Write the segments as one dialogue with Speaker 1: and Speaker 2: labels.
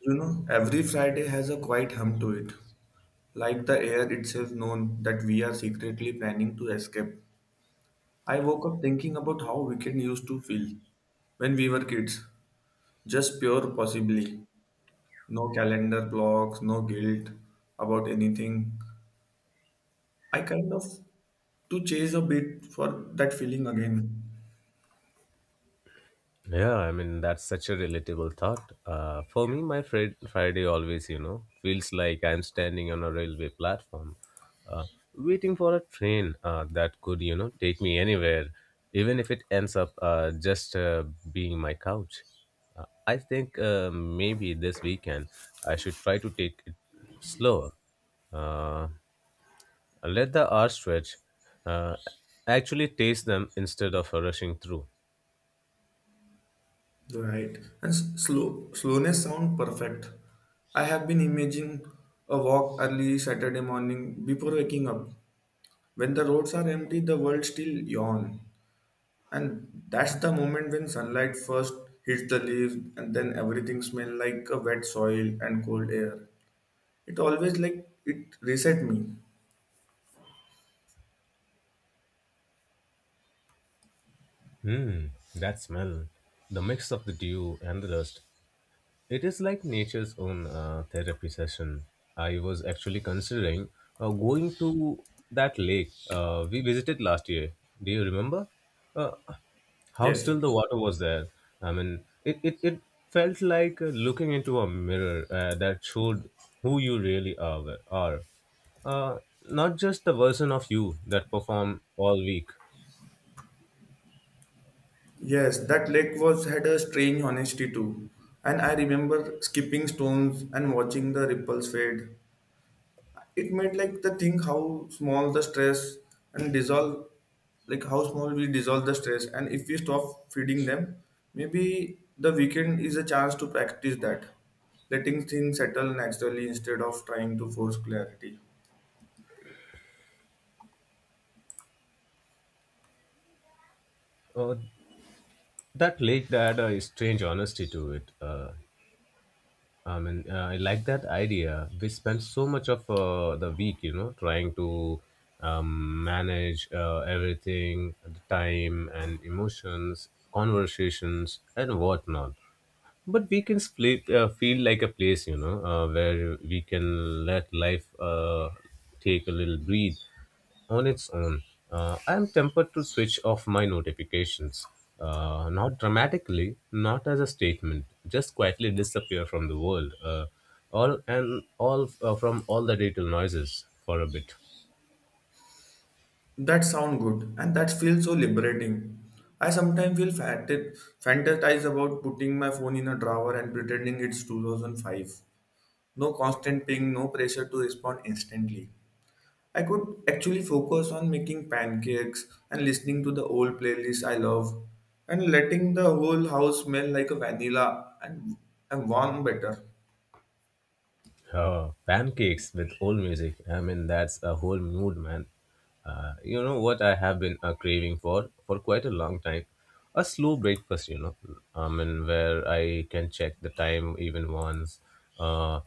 Speaker 1: You know, every Friday has a quiet hum to it, like the air itself known that we are secretly planning to escape. I woke up thinking about how weekend used to feel when we were kids. Just pure possibly. No calendar blocks, no guilt about anything. I kind of to chase a bit for that feeling again.
Speaker 2: Yeah, I mean that's such a relatable thought. For me, my Friday always, you know, feels like I'm standing on a railway platform, uh, waiting for a train that could, you know, take me anywhere, even if it ends up just being my couch. I think maybe this weekend I should try to take it slower. Uh, Let the hours stretch. Uh, actually, taste them instead of rushing through.
Speaker 1: Right. And slowness sound perfect. I have been imagining a walk early Saturday morning before waking up when the roads are empty, the world still yawn. And that's the moment when sunlight first hits the leaves and then everything smells like a wet soil and cold air. It always like it reset me.
Speaker 2: Mmm, that smell. The mix of the dew and the dust. It is like nature's own therapy session. I was actually considering going to that lake we visited last year. Do you remember? Uh, how
Speaker 1: Yes.
Speaker 2: still the water was there. I mean, it felt like looking into a mirror that showed who you really are. Uh, Not just the version of you that perform all week.
Speaker 1: Yes, that lake was had a strange honesty too. And I remember skipping stones and watching the ripples fade. It made like the thing how small the stress and dissolve like how small we dissolve the stress and if we stop feeding them, maybe the weekend is a chance to practice that, letting things settle naturally instead of trying to force clarity.
Speaker 2: Uh, That lake that had a strange honesty to it. I mean, I like that idea. We spent so much of the week, you know, trying to manage everything, the time and emotions, conversations and whatnot but weekends play, feel like a place you know where we can let life take a little breathe on its own. I am tempted to switch off my notifications, not dramatically, not as a statement, just quietly disappear from the world, all and all, from all the digital noises for a bit.
Speaker 1: That sound good and that feels so liberating. I sometimes feel fatted fantasize about putting my phone in a drawer and pretending it's 2005. No constant ping, no pressure to respond instantly. I could actually focus on making pancakes and listening to the old playlist I love and letting the whole house smell like a vanilla and warm better.
Speaker 2: Pancakes with old music. I mean, that's a whole mood, man. You know what I have been craving for quite a long time? A slow breakfast, you know. I mean, where I can check the time even once. Uh,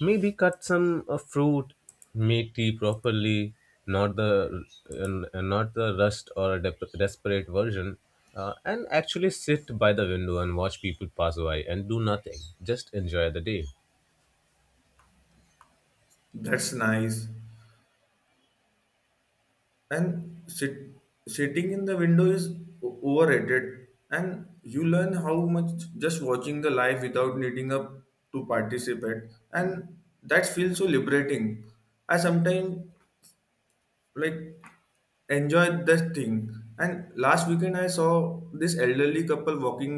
Speaker 2: Maybe cut some fruit, make tea properly, not the not the rushed or desperate version. And actually sit by the window and watch people pass by and do nothing. Just enjoy the day.
Speaker 1: That's nice. And sitting in the window is overrated and you learn how much just watching the live without needing up to participate, and that feels so liberating. I sometimes like enjoy that thing. And last weekend I saw this elderly couple walking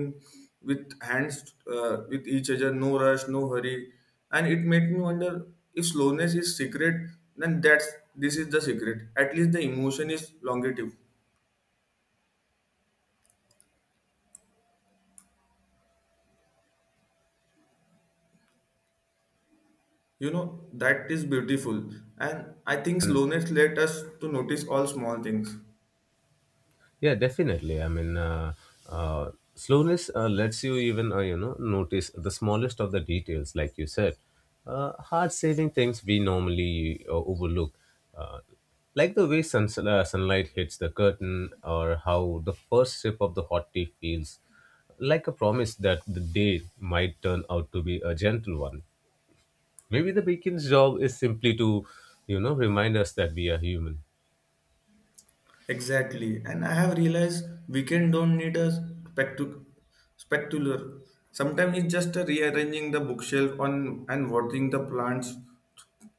Speaker 1: with hands with each other, no rush, no hurry, and it made me wonder if slowness is secret. Then that's this is the secret. At least the emotion is longative. You know that is beautiful, and I think slowness let us to notice all small things.
Speaker 2: Yeah, definitely. I mean, slowness lets you even, you know, notice the smallest of the details, like you said, hard saving things we normally overlook, uh, like the way sunlight hits the curtain, or how the first sip of the hot tea feels, like a promise that the day might turn out to be a gentle one. Maybe the beacon's job is simply to, you know, remind us that we are human.
Speaker 1: Exactly. And I have realized weekend don't need a spectacular. Sometimes it's just a rearranging the bookshelf on and watering the plants.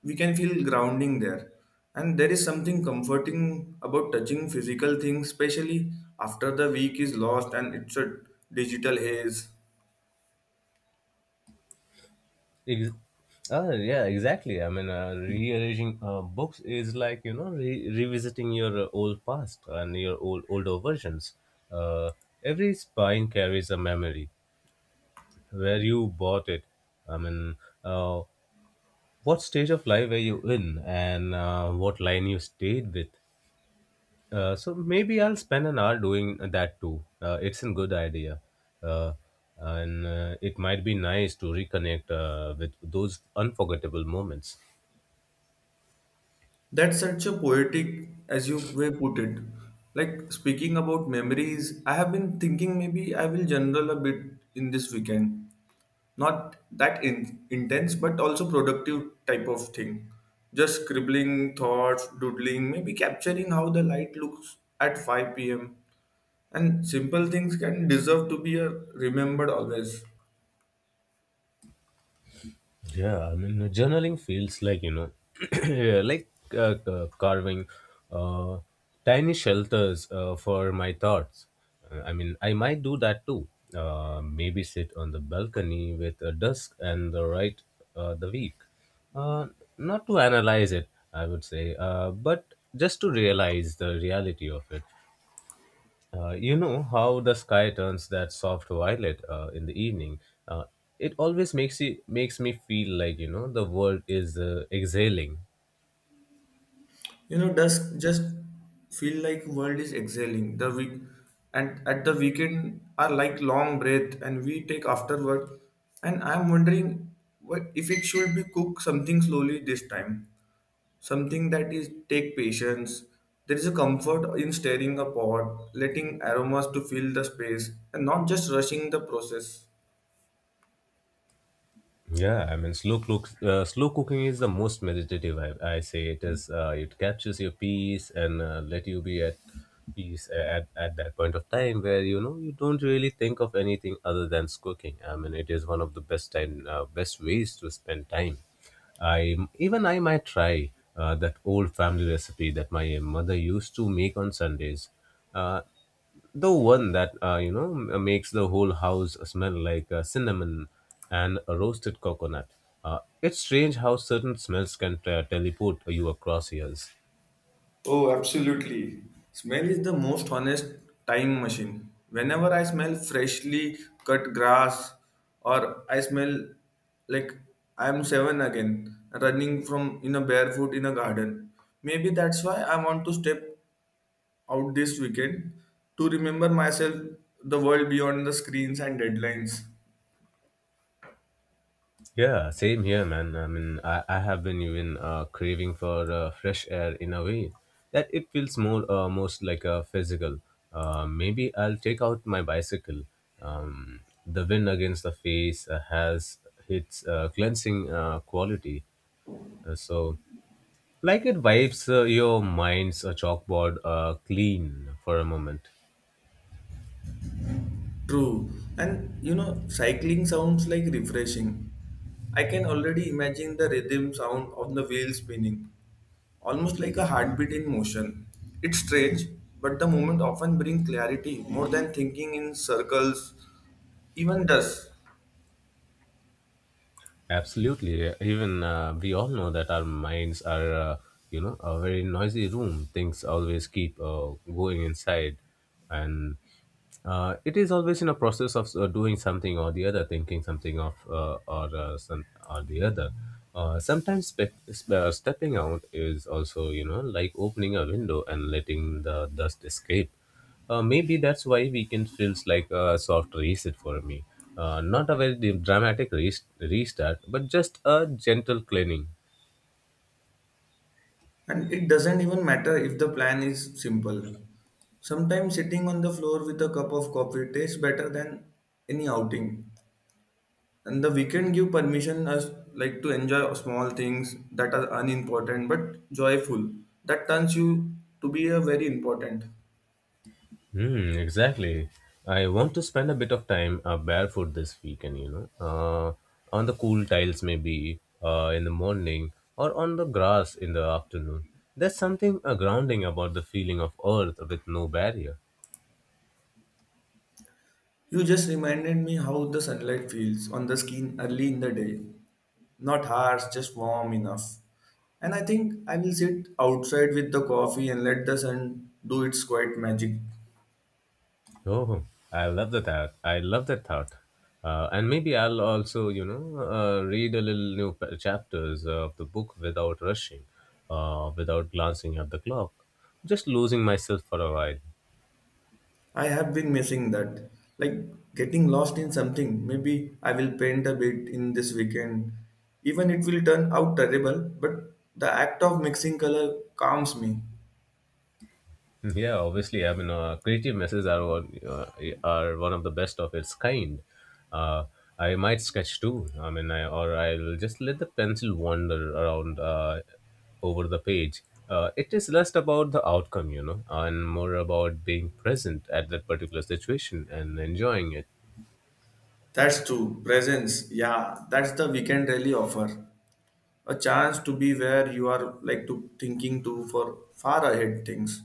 Speaker 1: We can feel grounding there. And there is something comforting about touching physical things, especially after the week is lost and it's a digital haze.
Speaker 2: Ex- yeah, exactly. I mean, rearranging books is like, you know, revisiting your old past and your old older versions. Uh, every spine carries a memory where you bought it. I mean, uh, what stage of life were you in, and what line you stayed with. So maybe I'll spend an hour doing that too. It's a good idea. Uh, and it might be nice to reconnect with those unforgettable moments.
Speaker 1: That's such a poetic, as you way put it. Like speaking about memories, I have been thinking maybe I will journal a bit in this weekend, not that intense but also productive type of thing, just scribbling thoughts, doodling, maybe capturing how the light looks at 5 p.m., and simple things can deserve to be remembered always.
Speaker 2: Yeah, I mean, journaling feels like, you know, yeah, like carving uh, tiny shelters for my thoughts. I mean, I might do that too. Maybe sit on the balcony with a dusk and the right the week. Uh, Not to analyze it, I would say, but just to realize the reality of it. You know how the sky turns that soft violet in the evening. Uh, it always makes me feel like, you know, the world is exhaling.
Speaker 1: You know dusk just feel like world is exhaling the week, and at the weekend are like long breath and we take after work. And I'm wondering what if it should be cook something slowly this time, something that is take patience. There is a comfort in stirring a pot, letting aromas to fill the space and not just rushing the process.
Speaker 2: Yeah, I mean, slow cooking is the most meditative. I say it is. It captures your peace and let you be at peace at that point of time where, you know, you don't really think of anything other than cooking. I mean, it is one of the best time, best ways to spend time. I might try that old family recipe that my mother used to make on Sundays. Uh, the one that, you know, makes the whole house smell like cinnamon and a roasted coconut. It's strange how certain smells can teleport you across years.
Speaker 1: Oh, absolutely. Smell is the most honest time machine. Whenever I smell freshly cut grass or I smell like I am seven again, running from in a barefoot in a garden. Maybe that's why I want to step out this weekend, to remember myself, the world beyond the screens and deadlines.
Speaker 2: Yeah, same here, man. I mean, I have been even craving for fresh air in a way that it feels more most like a physical. Maybe I'll take out my bicycle. The wind against the face has its cleansing quality. So like it wipes your mind's chalkboard clean for a moment.
Speaker 1: True. And you know, cycling sounds like refreshing. I can already imagine the rhythm sound of the wheel spinning, almost like a heartbeat in motion. It's strange, but the moment often brings clarity more than thinking in circles, even does.
Speaker 2: Absolutely. Even we all know that our minds are, you know, a very noisy room. Things always keep going inside. And it is always in a process of doing something or the other, thinking something of or some or the other. Sometimes stepping out is also, you know, like opening a window and letting the dust escape. Maybe that's why weekend feels like a soft reset for me. Not a very dramatic restart, but just a gentle cleaning.
Speaker 1: And it doesn't even matter if the plan is simple. Sometimes sitting on the floor with a cup of coffee tastes better than any outing. And the weekend give permission us like to enjoy small things that are unimportant but joyful. That turns you to be a very important.
Speaker 2: Hmm, exactly. I want to spend a bit of time barefoot this weekend, you know, on the cool tiles maybe in the morning or on the grass in the afternoon. There's something grounding about the feeling of earth with no barrier.
Speaker 1: You just reminded me how the sunlight feels on the skin early in the day. Not harsh, just warm enough. And I think I will sit outside with the coffee and let the sun do its quiet magic.
Speaker 2: Oh, I love the thought. I love that thought. And maybe I'll also, you know, read a little new chapters of the book without rushing, without glancing at the clock, just losing myself for a while.
Speaker 1: I have been missing that. Like getting lost in something. Maybe I will paint a bit in this weekend. Even it will turn out terrible, but the act of mixing color calms me.
Speaker 2: Yeah, obviously. I mean, creative messes are one of the best of its kind. Uh, I might sketch too. I mean, I'll just let the pencil wander around over the page. It is less about the outcome, you know, and more about being present at that particular situation and enjoying it,
Speaker 1: That's true. Presence. Yeah, that's the weekend really offer. A chance to be where you are like to thinking to for far ahead things.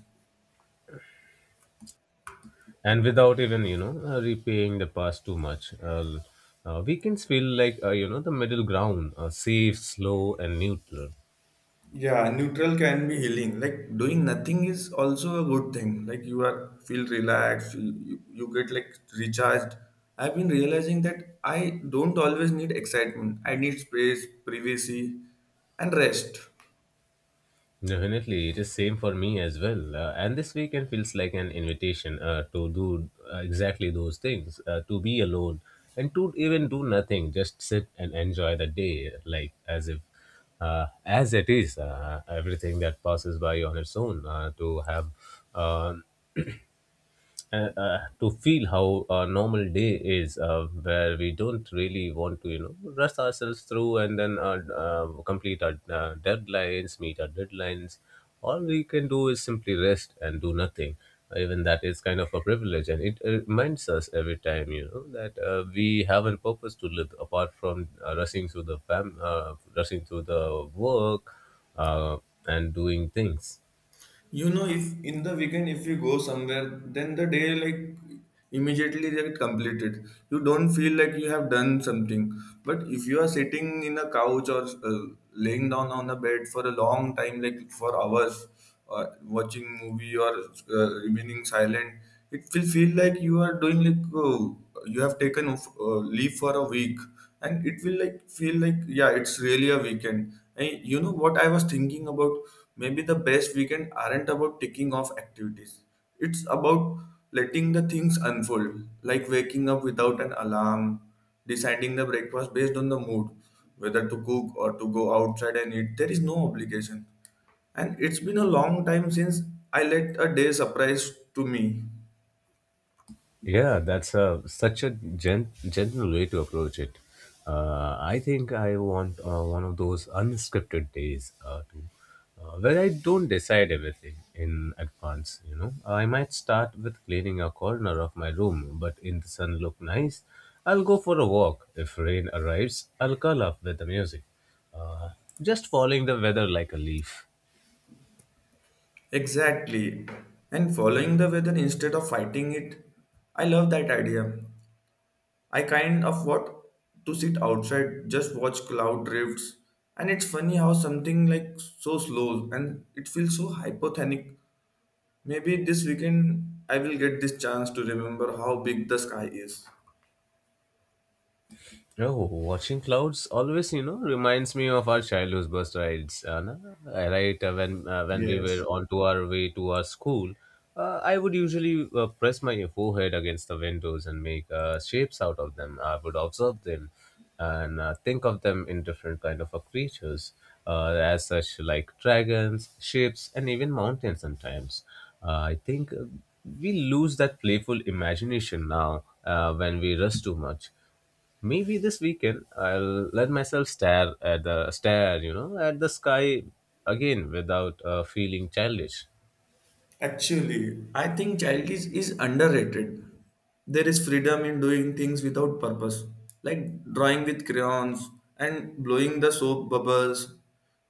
Speaker 2: and without even, you know, repaying the past too much. Weekends feel like, you know, the middle ground, safe, slow, and neutral.
Speaker 1: Yeah, neutral can be healing, like doing nothing is also a good thing, like you are feel relaxed, you get like recharged. I've been realizing that I don't always need excitement, I need space, privacy, and rest.
Speaker 2: Definitely, it is same for me as well. And this weekend feels like an invitation to do exactly those things, to be alone and to even do nothing, just sit and enjoy the day, like as if, as it is, everything that passes by on its own, to have. um to feel how a normal day is, where we don't really want to, you know, rush ourselves through and then complete our deadlines, meet our deadlines. All we can do is simply rest and do nothing. Even that is kind of a privilege, and it reminds us every time, you know, that we have a purpose to live apart from rushing through the rushing through the work, uh, and doing things.
Speaker 1: You know, if in the weekend if you go somewhere then the day like immediately get completed, you don't feel like you have done something. But if you are sitting in a couch or laying down on a bed for a long time like for hours, or watching movie or remaining silent, it will feel like you are doing like you have taken leave for a week, and it will like feel like yeah it's really a weekend. And you know what I was thinking about, maybe the best weekend aren't about ticking off activities, it's about letting the things unfold, like waking up without an alarm, deciding the breakfast based on the mood, whether to cook or to go outside and eat, there is no obligation. And it's been a long time since I let a day surprise to me.
Speaker 2: Yeah, that's a such a general way to approach it. I think I want one of those unscripted days to where I don't decide everything in advance. You know, I might start with cleaning a corner of my room, but in the sun look nice, I'll go for a walk. If rain arrives, I'll curl up with the music, uh, just following the weather like a leaf.
Speaker 1: Exactly. And following the weather instead of fighting it, I love that idea. I kind of want to sit outside, just watch cloud drifts. And it's funny how something like so slow and it feels so hypothenic. Maybe this weekend I will get this chance to remember how big the sky is.
Speaker 2: Oh, watching clouds always, you know, reminds me of our childhood bus rides. Na? Right, when we were
Speaker 1: Yes.
Speaker 2: on to our way to our school, I would usually press my forehead against the windows and make shapes out of them. I would observe them and think of them in different kind of creatures, as such like dragons, ships, and even mountains. Sometimes, I think we lose that playful imagination now when we rush too much. Maybe this weekend I'll let myself stare, you know, at the sky again without feeling childish.
Speaker 1: Actually, I think childish is underrated. There is freedom in doing things without purpose, like drawing with crayons and blowing the soap bubbles.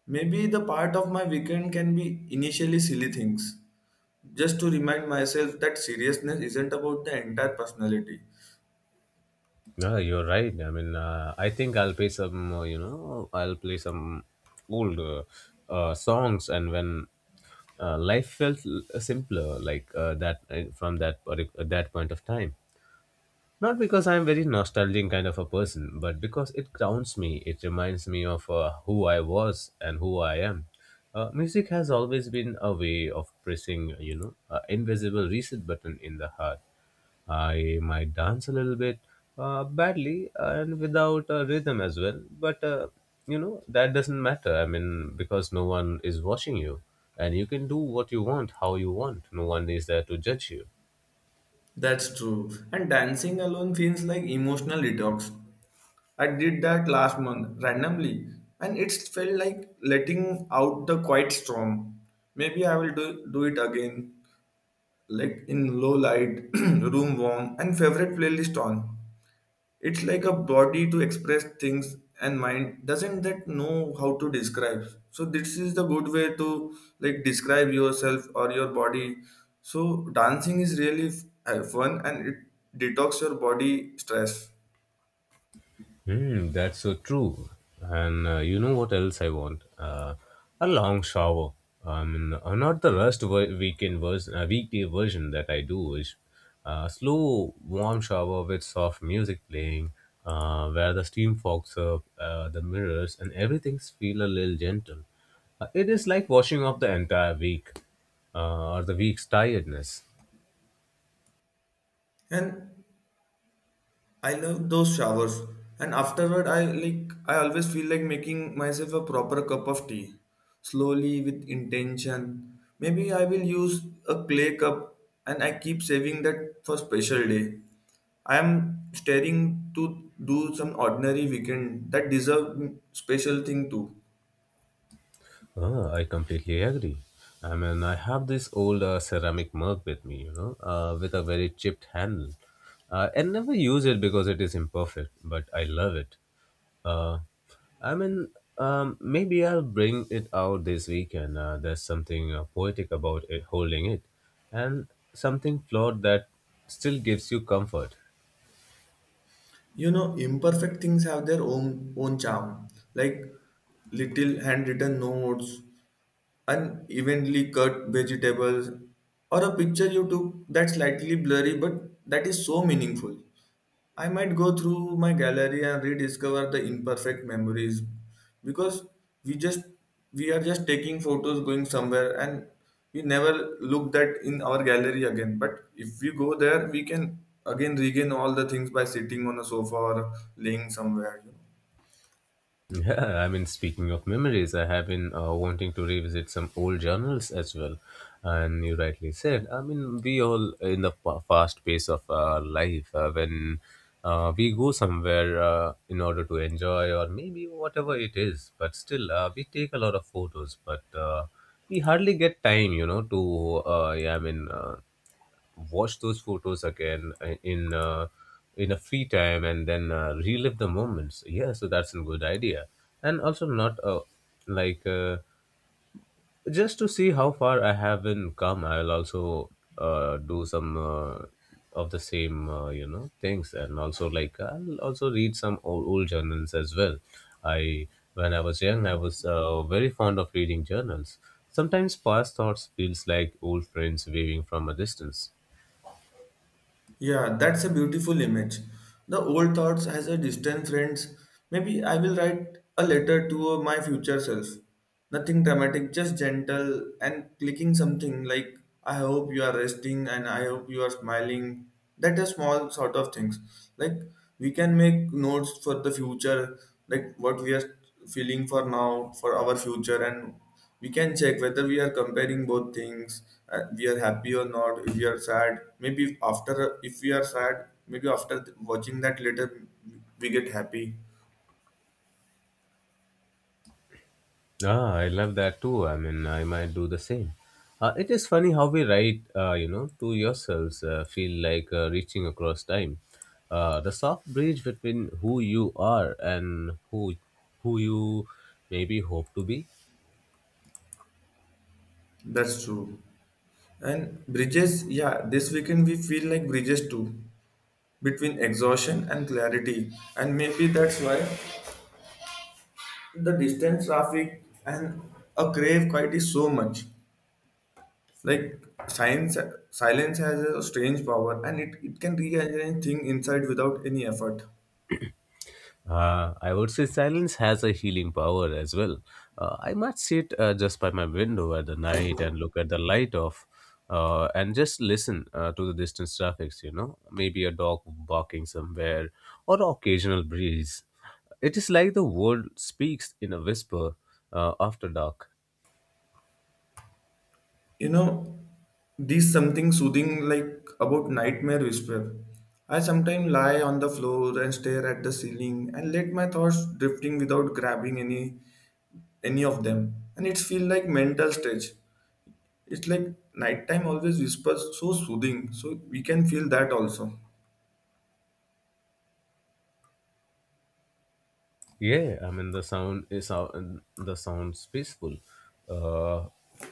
Speaker 1: Maybe the part of my weekend can be initially silly things, just to remind myself that seriousness isn't about the entire personality.
Speaker 2: Yeah, you're right. I mean, I think I'll play some, you know, I'll play some old songs, and when life felt simpler, like that from that that point of time. Not because I'm very nostalgic kind of a person, but because it grounds me. It reminds me of who I was and who I am. Music has always been a way of pressing, you know, an invisible reset button in the heart. I might dance a little bit badly and without a rhythm as well, but you know that doesn't matter. I mean, because no one is watching you, and you can do what you want, how you want. No one is there to judge you.
Speaker 1: That's true. And dancing alone feels like emotional detox. I did that last month randomly, and it felt like letting out the quiet storm. Maybe I will do it again, like in low light, room warm, and favorite playlist on. It's like a body to express things and mind doesn't that know how to describe. So this is the good way to like describe yourself or your body. So dancing is really fun and it detox your body stress.
Speaker 2: Mm, that's so true. And you know what else I want? A long shower. I mean, not the weekend version, weekday version that I do is a slow, warm shower with soft music playing, where the steam fogs up, the mirrors, and everything's feel a little gentle. It is like washing off the entire week or the week's tiredness.
Speaker 1: And I love those showers, and afterward, I always feel like making myself a proper cup of tea, slowly with intention. Maybe I will use a clay cup, and I keep saving that for special day. I am staring to do some ordinary weekend that deserve special thing too.
Speaker 2: Ah, I completely agree. I mean, I have this old ceramic mug with me, you know, with a very chipped handle. I never use it because it is imperfect, but I love it. Uh, I mean, Maybe I'll bring it out this weekend. There's something poetic about it, holding it, and something flawed that still gives you comfort.
Speaker 1: You know, imperfect things have their own charm, like little handwritten notes, unevenly cut vegetables, or a picture you took that's slightly blurry but that is so meaningful. I might go through my gallery and rediscover the imperfect memories, because we just we are just taking photos going somewhere and we never look that in our gallery again. But if we go there, we can again regain all the things by sitting on a sofa or laying somewhere. You know.
Speaker 2: Yeah, I mean, speaking of memories, I have been wanting to revisit some old journals as well. And you rightly said, I mean, we all in the fast pace of our life, when we go somewhere in order to enjoy or maybe whatever it is, but still, we take a lot of photos, but we hardly get time, you know, to watch those photos again in in a free time and then relive the moments, yeah, so that's a good idea. And also not like just to see how far I haven't come, I'll also do some of the same, you know, things. And also, like, I'll also read some old journals as well. I When I was young, I was very fond of reading journals. Sometimes past thoughts feels like old friends waving from a distance.
Speaker 1: Yeah, that's a beautiful image. The old thoughts as a distant friends. Maybe I will write a letter to my future self. Nothing dramatic, just gentle and clicking something like I hope you are resting and I hope you are smiling. That are small sort of things. Like we can make notes for the future, like what we are feeling for now, for our future, and we can check whether we are comparing both things, we are happy or not. If we are sad, maybe after if we are sad maybe after watching that later, we get happy.
Speaker 2: Ah, I love that too. I mean, I might do the same. It is funny how we write, you know, to yourselves, feel like reaching across time. The soft bridge between who you are and who you maybe hope to be.
Speaker 1: That's true. And bridges, yeah, this weekend we feel like bridges too, between exhaustion and clarity. And maybe that's why the distance traffic and a crave quite is so much, like science, silence has a strange power, and it can rearrange thing inside without any effort.
Speaker 2: I would say silence has a healing power as well. I might sit just by my window at the night and look at the light off, and just listen to the distant traffics, you know, maybe a dog barking somewhere or occasional breeze. It is like the world speaks in a whisper after dark.
Speaker 1: You know, there's something soothing like about Nightmare Whisper. I sometimes lie on the floor and stare at the ceiling and let my thoughts drifting without grabbing any of them. And it feels like mental stretch. It's like nighttime always whispers so soothing, so we can feel that also.
Speaker 2: Yeah, I mean the sound is sound the sounds peaceful. Uh,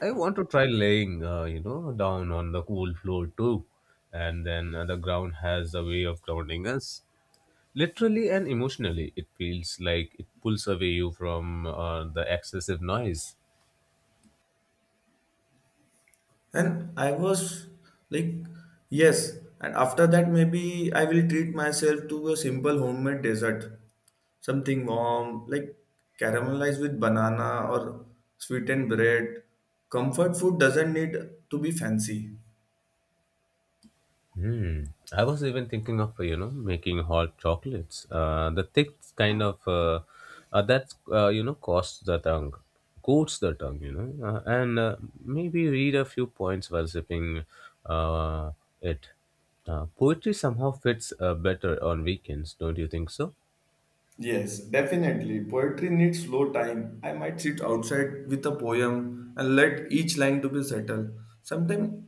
Speaker 2: I want to try laying, you know, down on the cool floor too, and then the ground has a way of grounding us, literally and emotionally. It feels like it pulls away you from the excessive noise.
Speaker 1: And I was like, yes. And after that, maybe I will treat myself to a simple homemade dessert. Something warm, like caramelized with banana or sweetened bread. Comfort food doesn't need to be fancy.
Speaker 2: Hmm. I was even thinking of, you know, making hot chocolates. The thick kind of that you know coats the tongue. You know, and maybe read a few points while sipping uh, it. Poetry somehow fits better on weekends, don't you think so?
Speaker 1: Yes, definitely. Poetry needs slow time. I might sit outside with a poem and let each line to be settled. Sometimes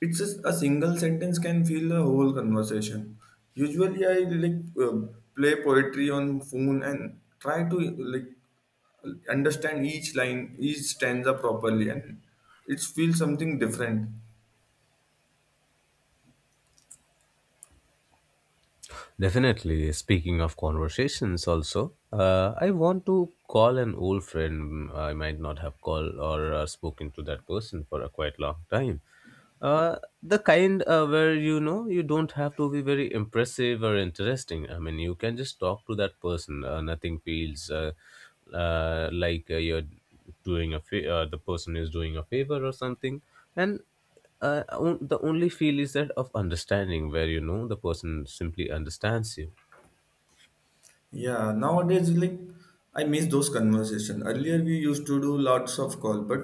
Speaker 1: it's just a single sentence can fill a whole conversation. Usually, I like play poetry on phone and try to like understand each line, each stanza properly, and it's feel something different.
Speaker 2: Definitely. Speaking of conversations, also, I want to call an old friend I might not have called or spoken to that person for a quite long time. Uh, the kind where, you know, you don't have to be very impressive or interesting. I mean, you can just talk to that person. Nothing feels you're doing a the person is doing a favor or something, and the only feel is that of understanding where, you know, the person simply understands you.
Speaker 1: Yeah, nowadays like I miss those conversation. Earlier we used to do lots of call, but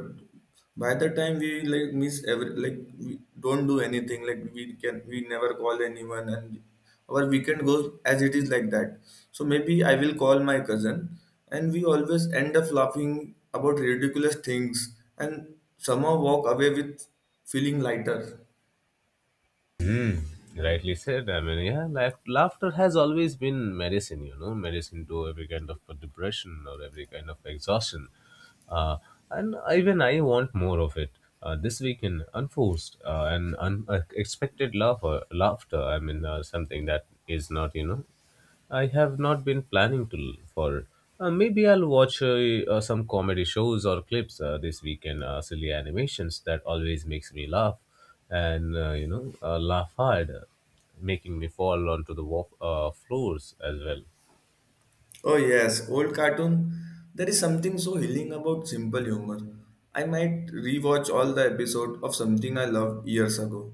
Speaker 1: by the time we like miss every like we don't do anything. Like we never call anyone, and our weekend goes as it is like that. So maybe I will call my cousin, and we always end up laughing about ridiculous things, and somehow walk away with feeling lighter.
Speaker 2: Rightly said, I mean, yeah, laughter has always been medicine, you know, medicine to every kind of depression or every kind of exhaustion. uh, and even I want more of it this weekend, unforced and unexpected laughter, I mean, something that is not, you know, I have not been planning to for. Maybe I'll watch some comedy shows or clips this weekend. Silly animations that always makes me laugh, and you know, laugh hard, making me fall onto the walk floors as well.
Speaker 1: Oh yes, old cartoon. There is something so healing about simple humor. I might rewatch all the episode of something I loved years ago.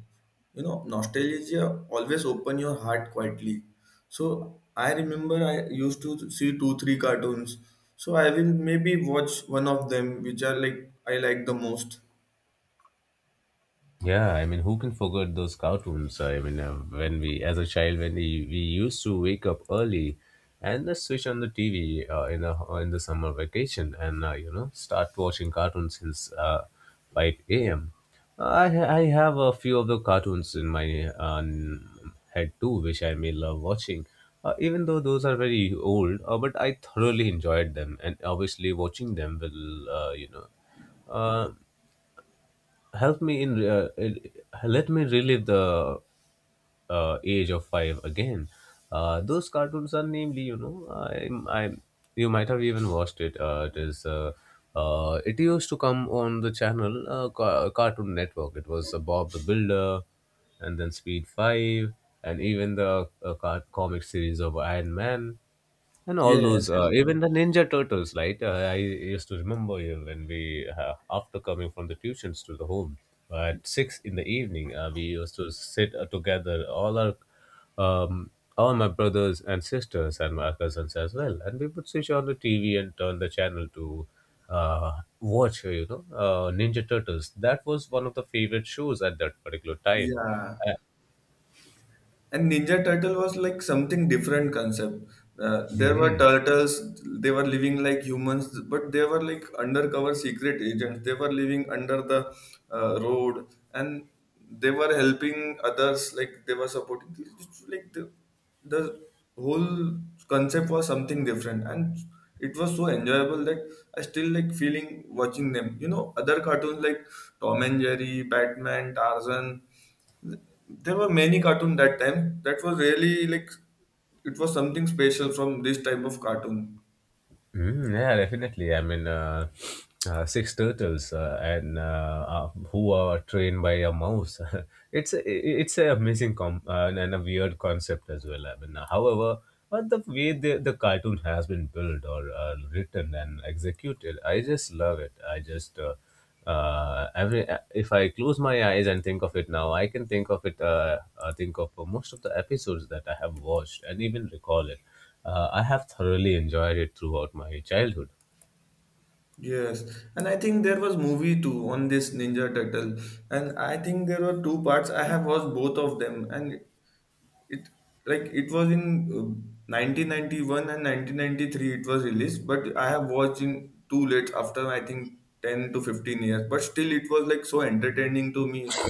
Speaker 1: You know, nostalgia always open your heart quietly. So I remember I used to see two three cartoons. So I will maybe watch one of them which are like I like the most.
Speaker 2: Yeah, I mean, who can forget those cartoons? I mean, when we, as a child, when we used to wake up early and just switch on the TV in the summer vacation, and you know, start watching cartoons since 5 a.m. I have a few of the cartoons in my head too, which I may love watching. Even though those are very old, but I thoroughly enjoyed them, and obviously watching them will, you know, uh, help me in let me relive the age of five again. Those cartoons are namely, you know, you might have even watched it. It used to come on the channel Cartoon Network. It was Bob the Builder, and then Speed Five, and even the comic series of Iron Man, and all
Speaker 1: Yes. Yes.
Speaker 2: those, even the ninja turtles, right. I used to remember you when we, after coming from the tuitions to the home, at six in the evening, we used to sit together, all our um, all my brothers and sisters and my cousins as well, and we would switch on the TV and turn the channel to uh, watch, you know, ninja turtles. That was one of the favorite shows at that particular time.
Speaker 1: Yeah.
Speaker 2: Uh,
Speaker 1: And Ninja Turtle was like something different concept. There were turtles, they were living like humans, but they were like undercover secret agents. They were living under the road and they were helping others, like they were supporting. It's like the whole concept was something different, and it was so enjoyable that I still like feeling watching them. You know, other cartoons like Tom and Jerry, Batman, Tarzan, there were many cartoon that time. That was really like it was something special from this type of cartoon.
Speaker 2: Mm, yeah, definitely. I mean, six turtles and who are trained by a mouse. it's a, it's an amazing and a weird concept as well. I mean, however, but the way the cartoon has been built or written and executed, I just love it. I just Every if I close my eyes and think of it now, I can think of it. Think of most of the episodes that I have watched and even recall it. I have thoroughly enjoyed it throughout my childhood.
Speaker 1: Yes, and I think there was movie too on this Ninja Turtle, and I think there were two parts. I have watched both of them, and it like it was in 1991 and 1993 it was released, but I have watched in too late after I think 10 to 15 years. But still, it was like so entertaining to me.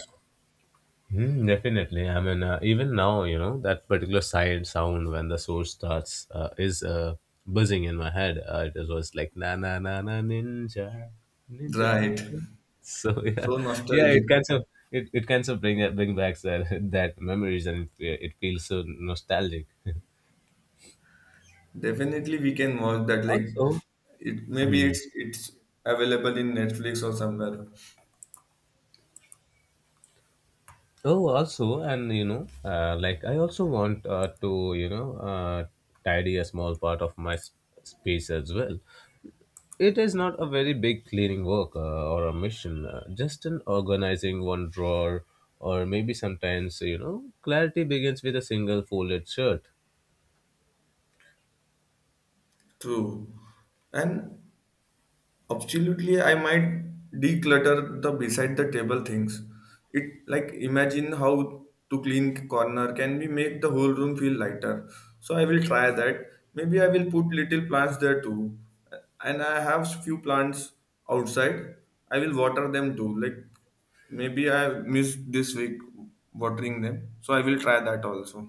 Speaker 2: Mm, definitely. I mean, even now, you know, that particular side sound when the source starts is buzzing in my head. It was like na na na na ninja
Speaker 1: Right,
Speaker 2: turtle. So
Speaker 1: so
Speaker 2: yeah, yeah,
Speaker 1: nostalgic.
Speaker 2: it kind of bring back that that memories, and it feels so nostalgic.
Speaker 1: Definitely, we can watch that. Like,
Speaker 2: Also.
Speaker 1: it maybe
Speaker 2: Mhm.
Speaker 1: it's available in Netflix or somewhere.
Speaker 2: Oh, also, and you know, like, I also want, to, you know, tidy a small part of my space as well. It is not a very big cleaning work or a mission, just an organizing one drawer, or maybe sometimes, you know, clarity begins with a single folded shirt.
Speaker 1: True, and absolutely, I might declutter the beside the table things. It like imagine how to clean corner can we make the whole room feel lighter. So I will try that. Maybe I will put little plants there too. And I have few plants outside. I will water them too. Like maybe I missed this week watering them. So I will try that also.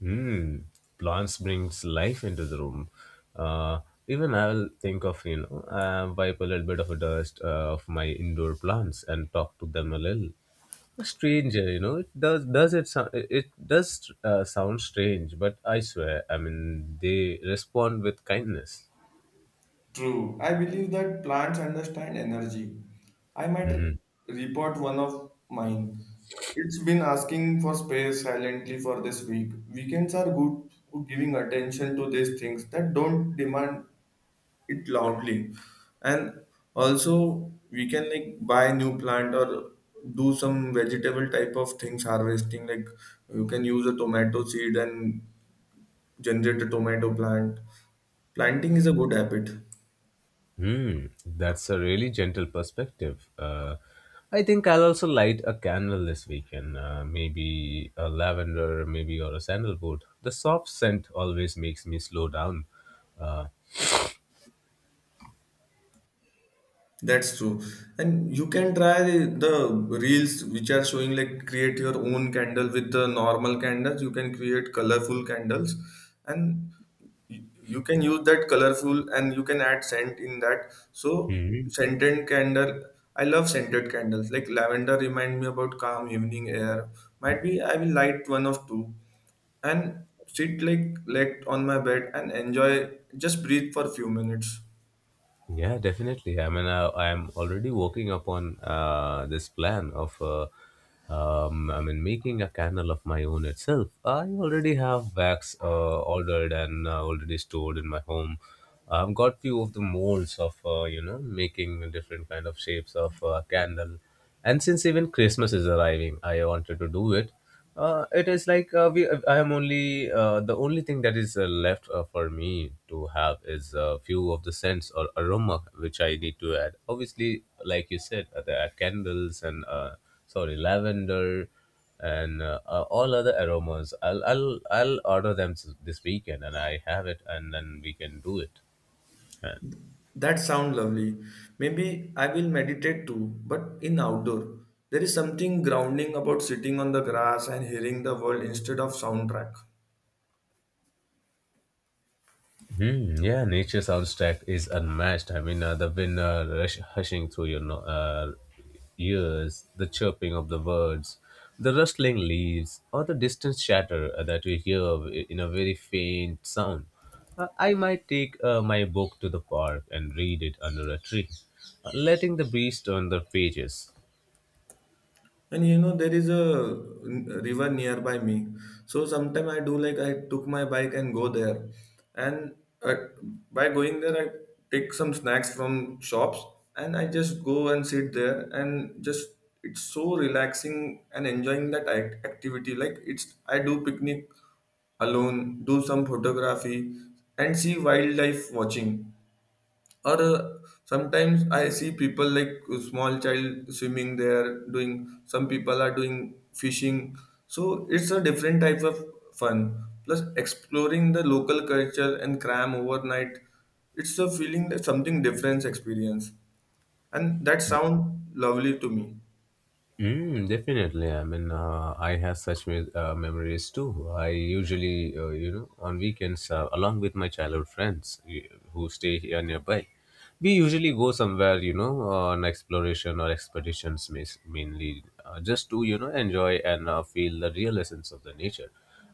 Speaker 2: Hmm, plants brings life into the room. Uh, Even I'll think of, you know, wipe a little bit of a dust of my indoor plants and talk to them a little. A stranger, you know, it does sound strange, but I swear, I mean, they respond with kindness.
Speaker 1: True. I believe that plants understand energy. I might
Speaker 2: Hmm.
Speaker 1: report one of mine. It's been asking for space silently for this week. Weekends are good to giving attention to these things that don't demand it loudly. And also we can like buy new plant or do some vegetable type of things harvesting. Like you can use a tomato seed and generate a tomato plant. Planting is a good habit.
Speaker 2: Hmm, that's a really gentle perspective. I think I'll also light a candle this weekend. Maybe a lavender, maybe or a sandalwood. The soft scent always makes me slow down. Uh,
Speaker 1: That's true. And you can try the reels which are showing like create your own candle with the normal candles. You can create colorful candles and you can use that colorful and you can add scent in that. So
Speaker 2: hmm.
Speaker 1: scented candle, I love scented candles. Like lavender remind me about calm evening air. Might be I will light one of two and sit like on my bed and enjoy just breathe for few minutes.
Speaker 2: Yeah, definitely. I mean, I'm already working upon this plan of, I mean, making a candle of my own itself. I already have wax ordered and already stored in my home. I've got few of the molds of, you know, making different kind of shapes of candle. And since even Christmas is arriving, I wanted to do it. It is like we I am only the only thing that is left for me to have is a few of the scents or aroma, which I need to add, obviously. Like you said, there are candles and sorry, lavender, and all other aromas. I'll order them this weekend, and I have it, and then we can do it.
Speaker 1: That sound lovely. Maybe I will meditate too, but in outdoor. There is something grounding about sitting on the grass and hearing the world instead of soundtrack.
Speaker 2: Hmm, yeah, nature soundtrack is unmatched. I mean, the wind hushing through your ears, the chirping of the birds, the rustling leaves, or the distant chatter that we hear in a very faint sound. I might take my book to the park and read it under a tree, letting the breeze turn the pages.
Speaker 1: And you know there is a river nearby me, so sometimes I do like I took my bike and go there, and uh, by going there I take some snacks from shops and I just go and sit there and just it's so relaxing and enjoying that activity. Like it's I do picnic alone, do some photography, and see wildlife watching. Or sometimes I see people like a small child swimming there, doing some people are doing fishing. So it's a different type of fun. Plus, exploring the local culture and cram overnight, it's a feeling that something different experience, and that sound lovely to me.
Speaker 2: Mm, definitely. I mean, I have such memories too. I usually, you know, on weekends, along with my childhood friends who stay here nearby, we usually go somewhere, you know, on exploration or expeditions, mainly, just to, you know, enjoy and feel the real essence of the nature.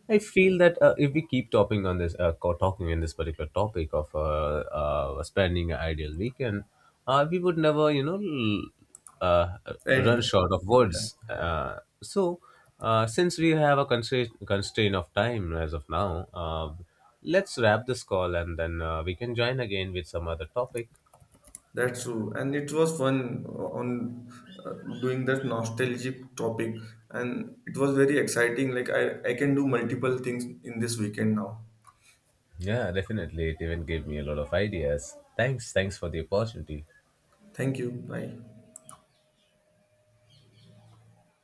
Speaker 2: I feel that if we keep topping on this, talking in this particular topic of spending an ideal weekend, we would never, you know, uh, run
Speaker 1: And
Speaker 2: short of
Speaker 1: yeah.
Speaker 2: words. So, since we have a constraint of time as of now, let's wrap this call, and then we can join again with some other topic.
Speaker 1: That's true, and it was fun on uh, doing that nostalgic topic, and it was very exciting. Like I can do multiple things in this weekend now.
Speaker 2: Yeah, definitely. It even gave me a lot of ideas. Thanks. Thanks for the opportunity.
Speaker 1: Thank you. Bye.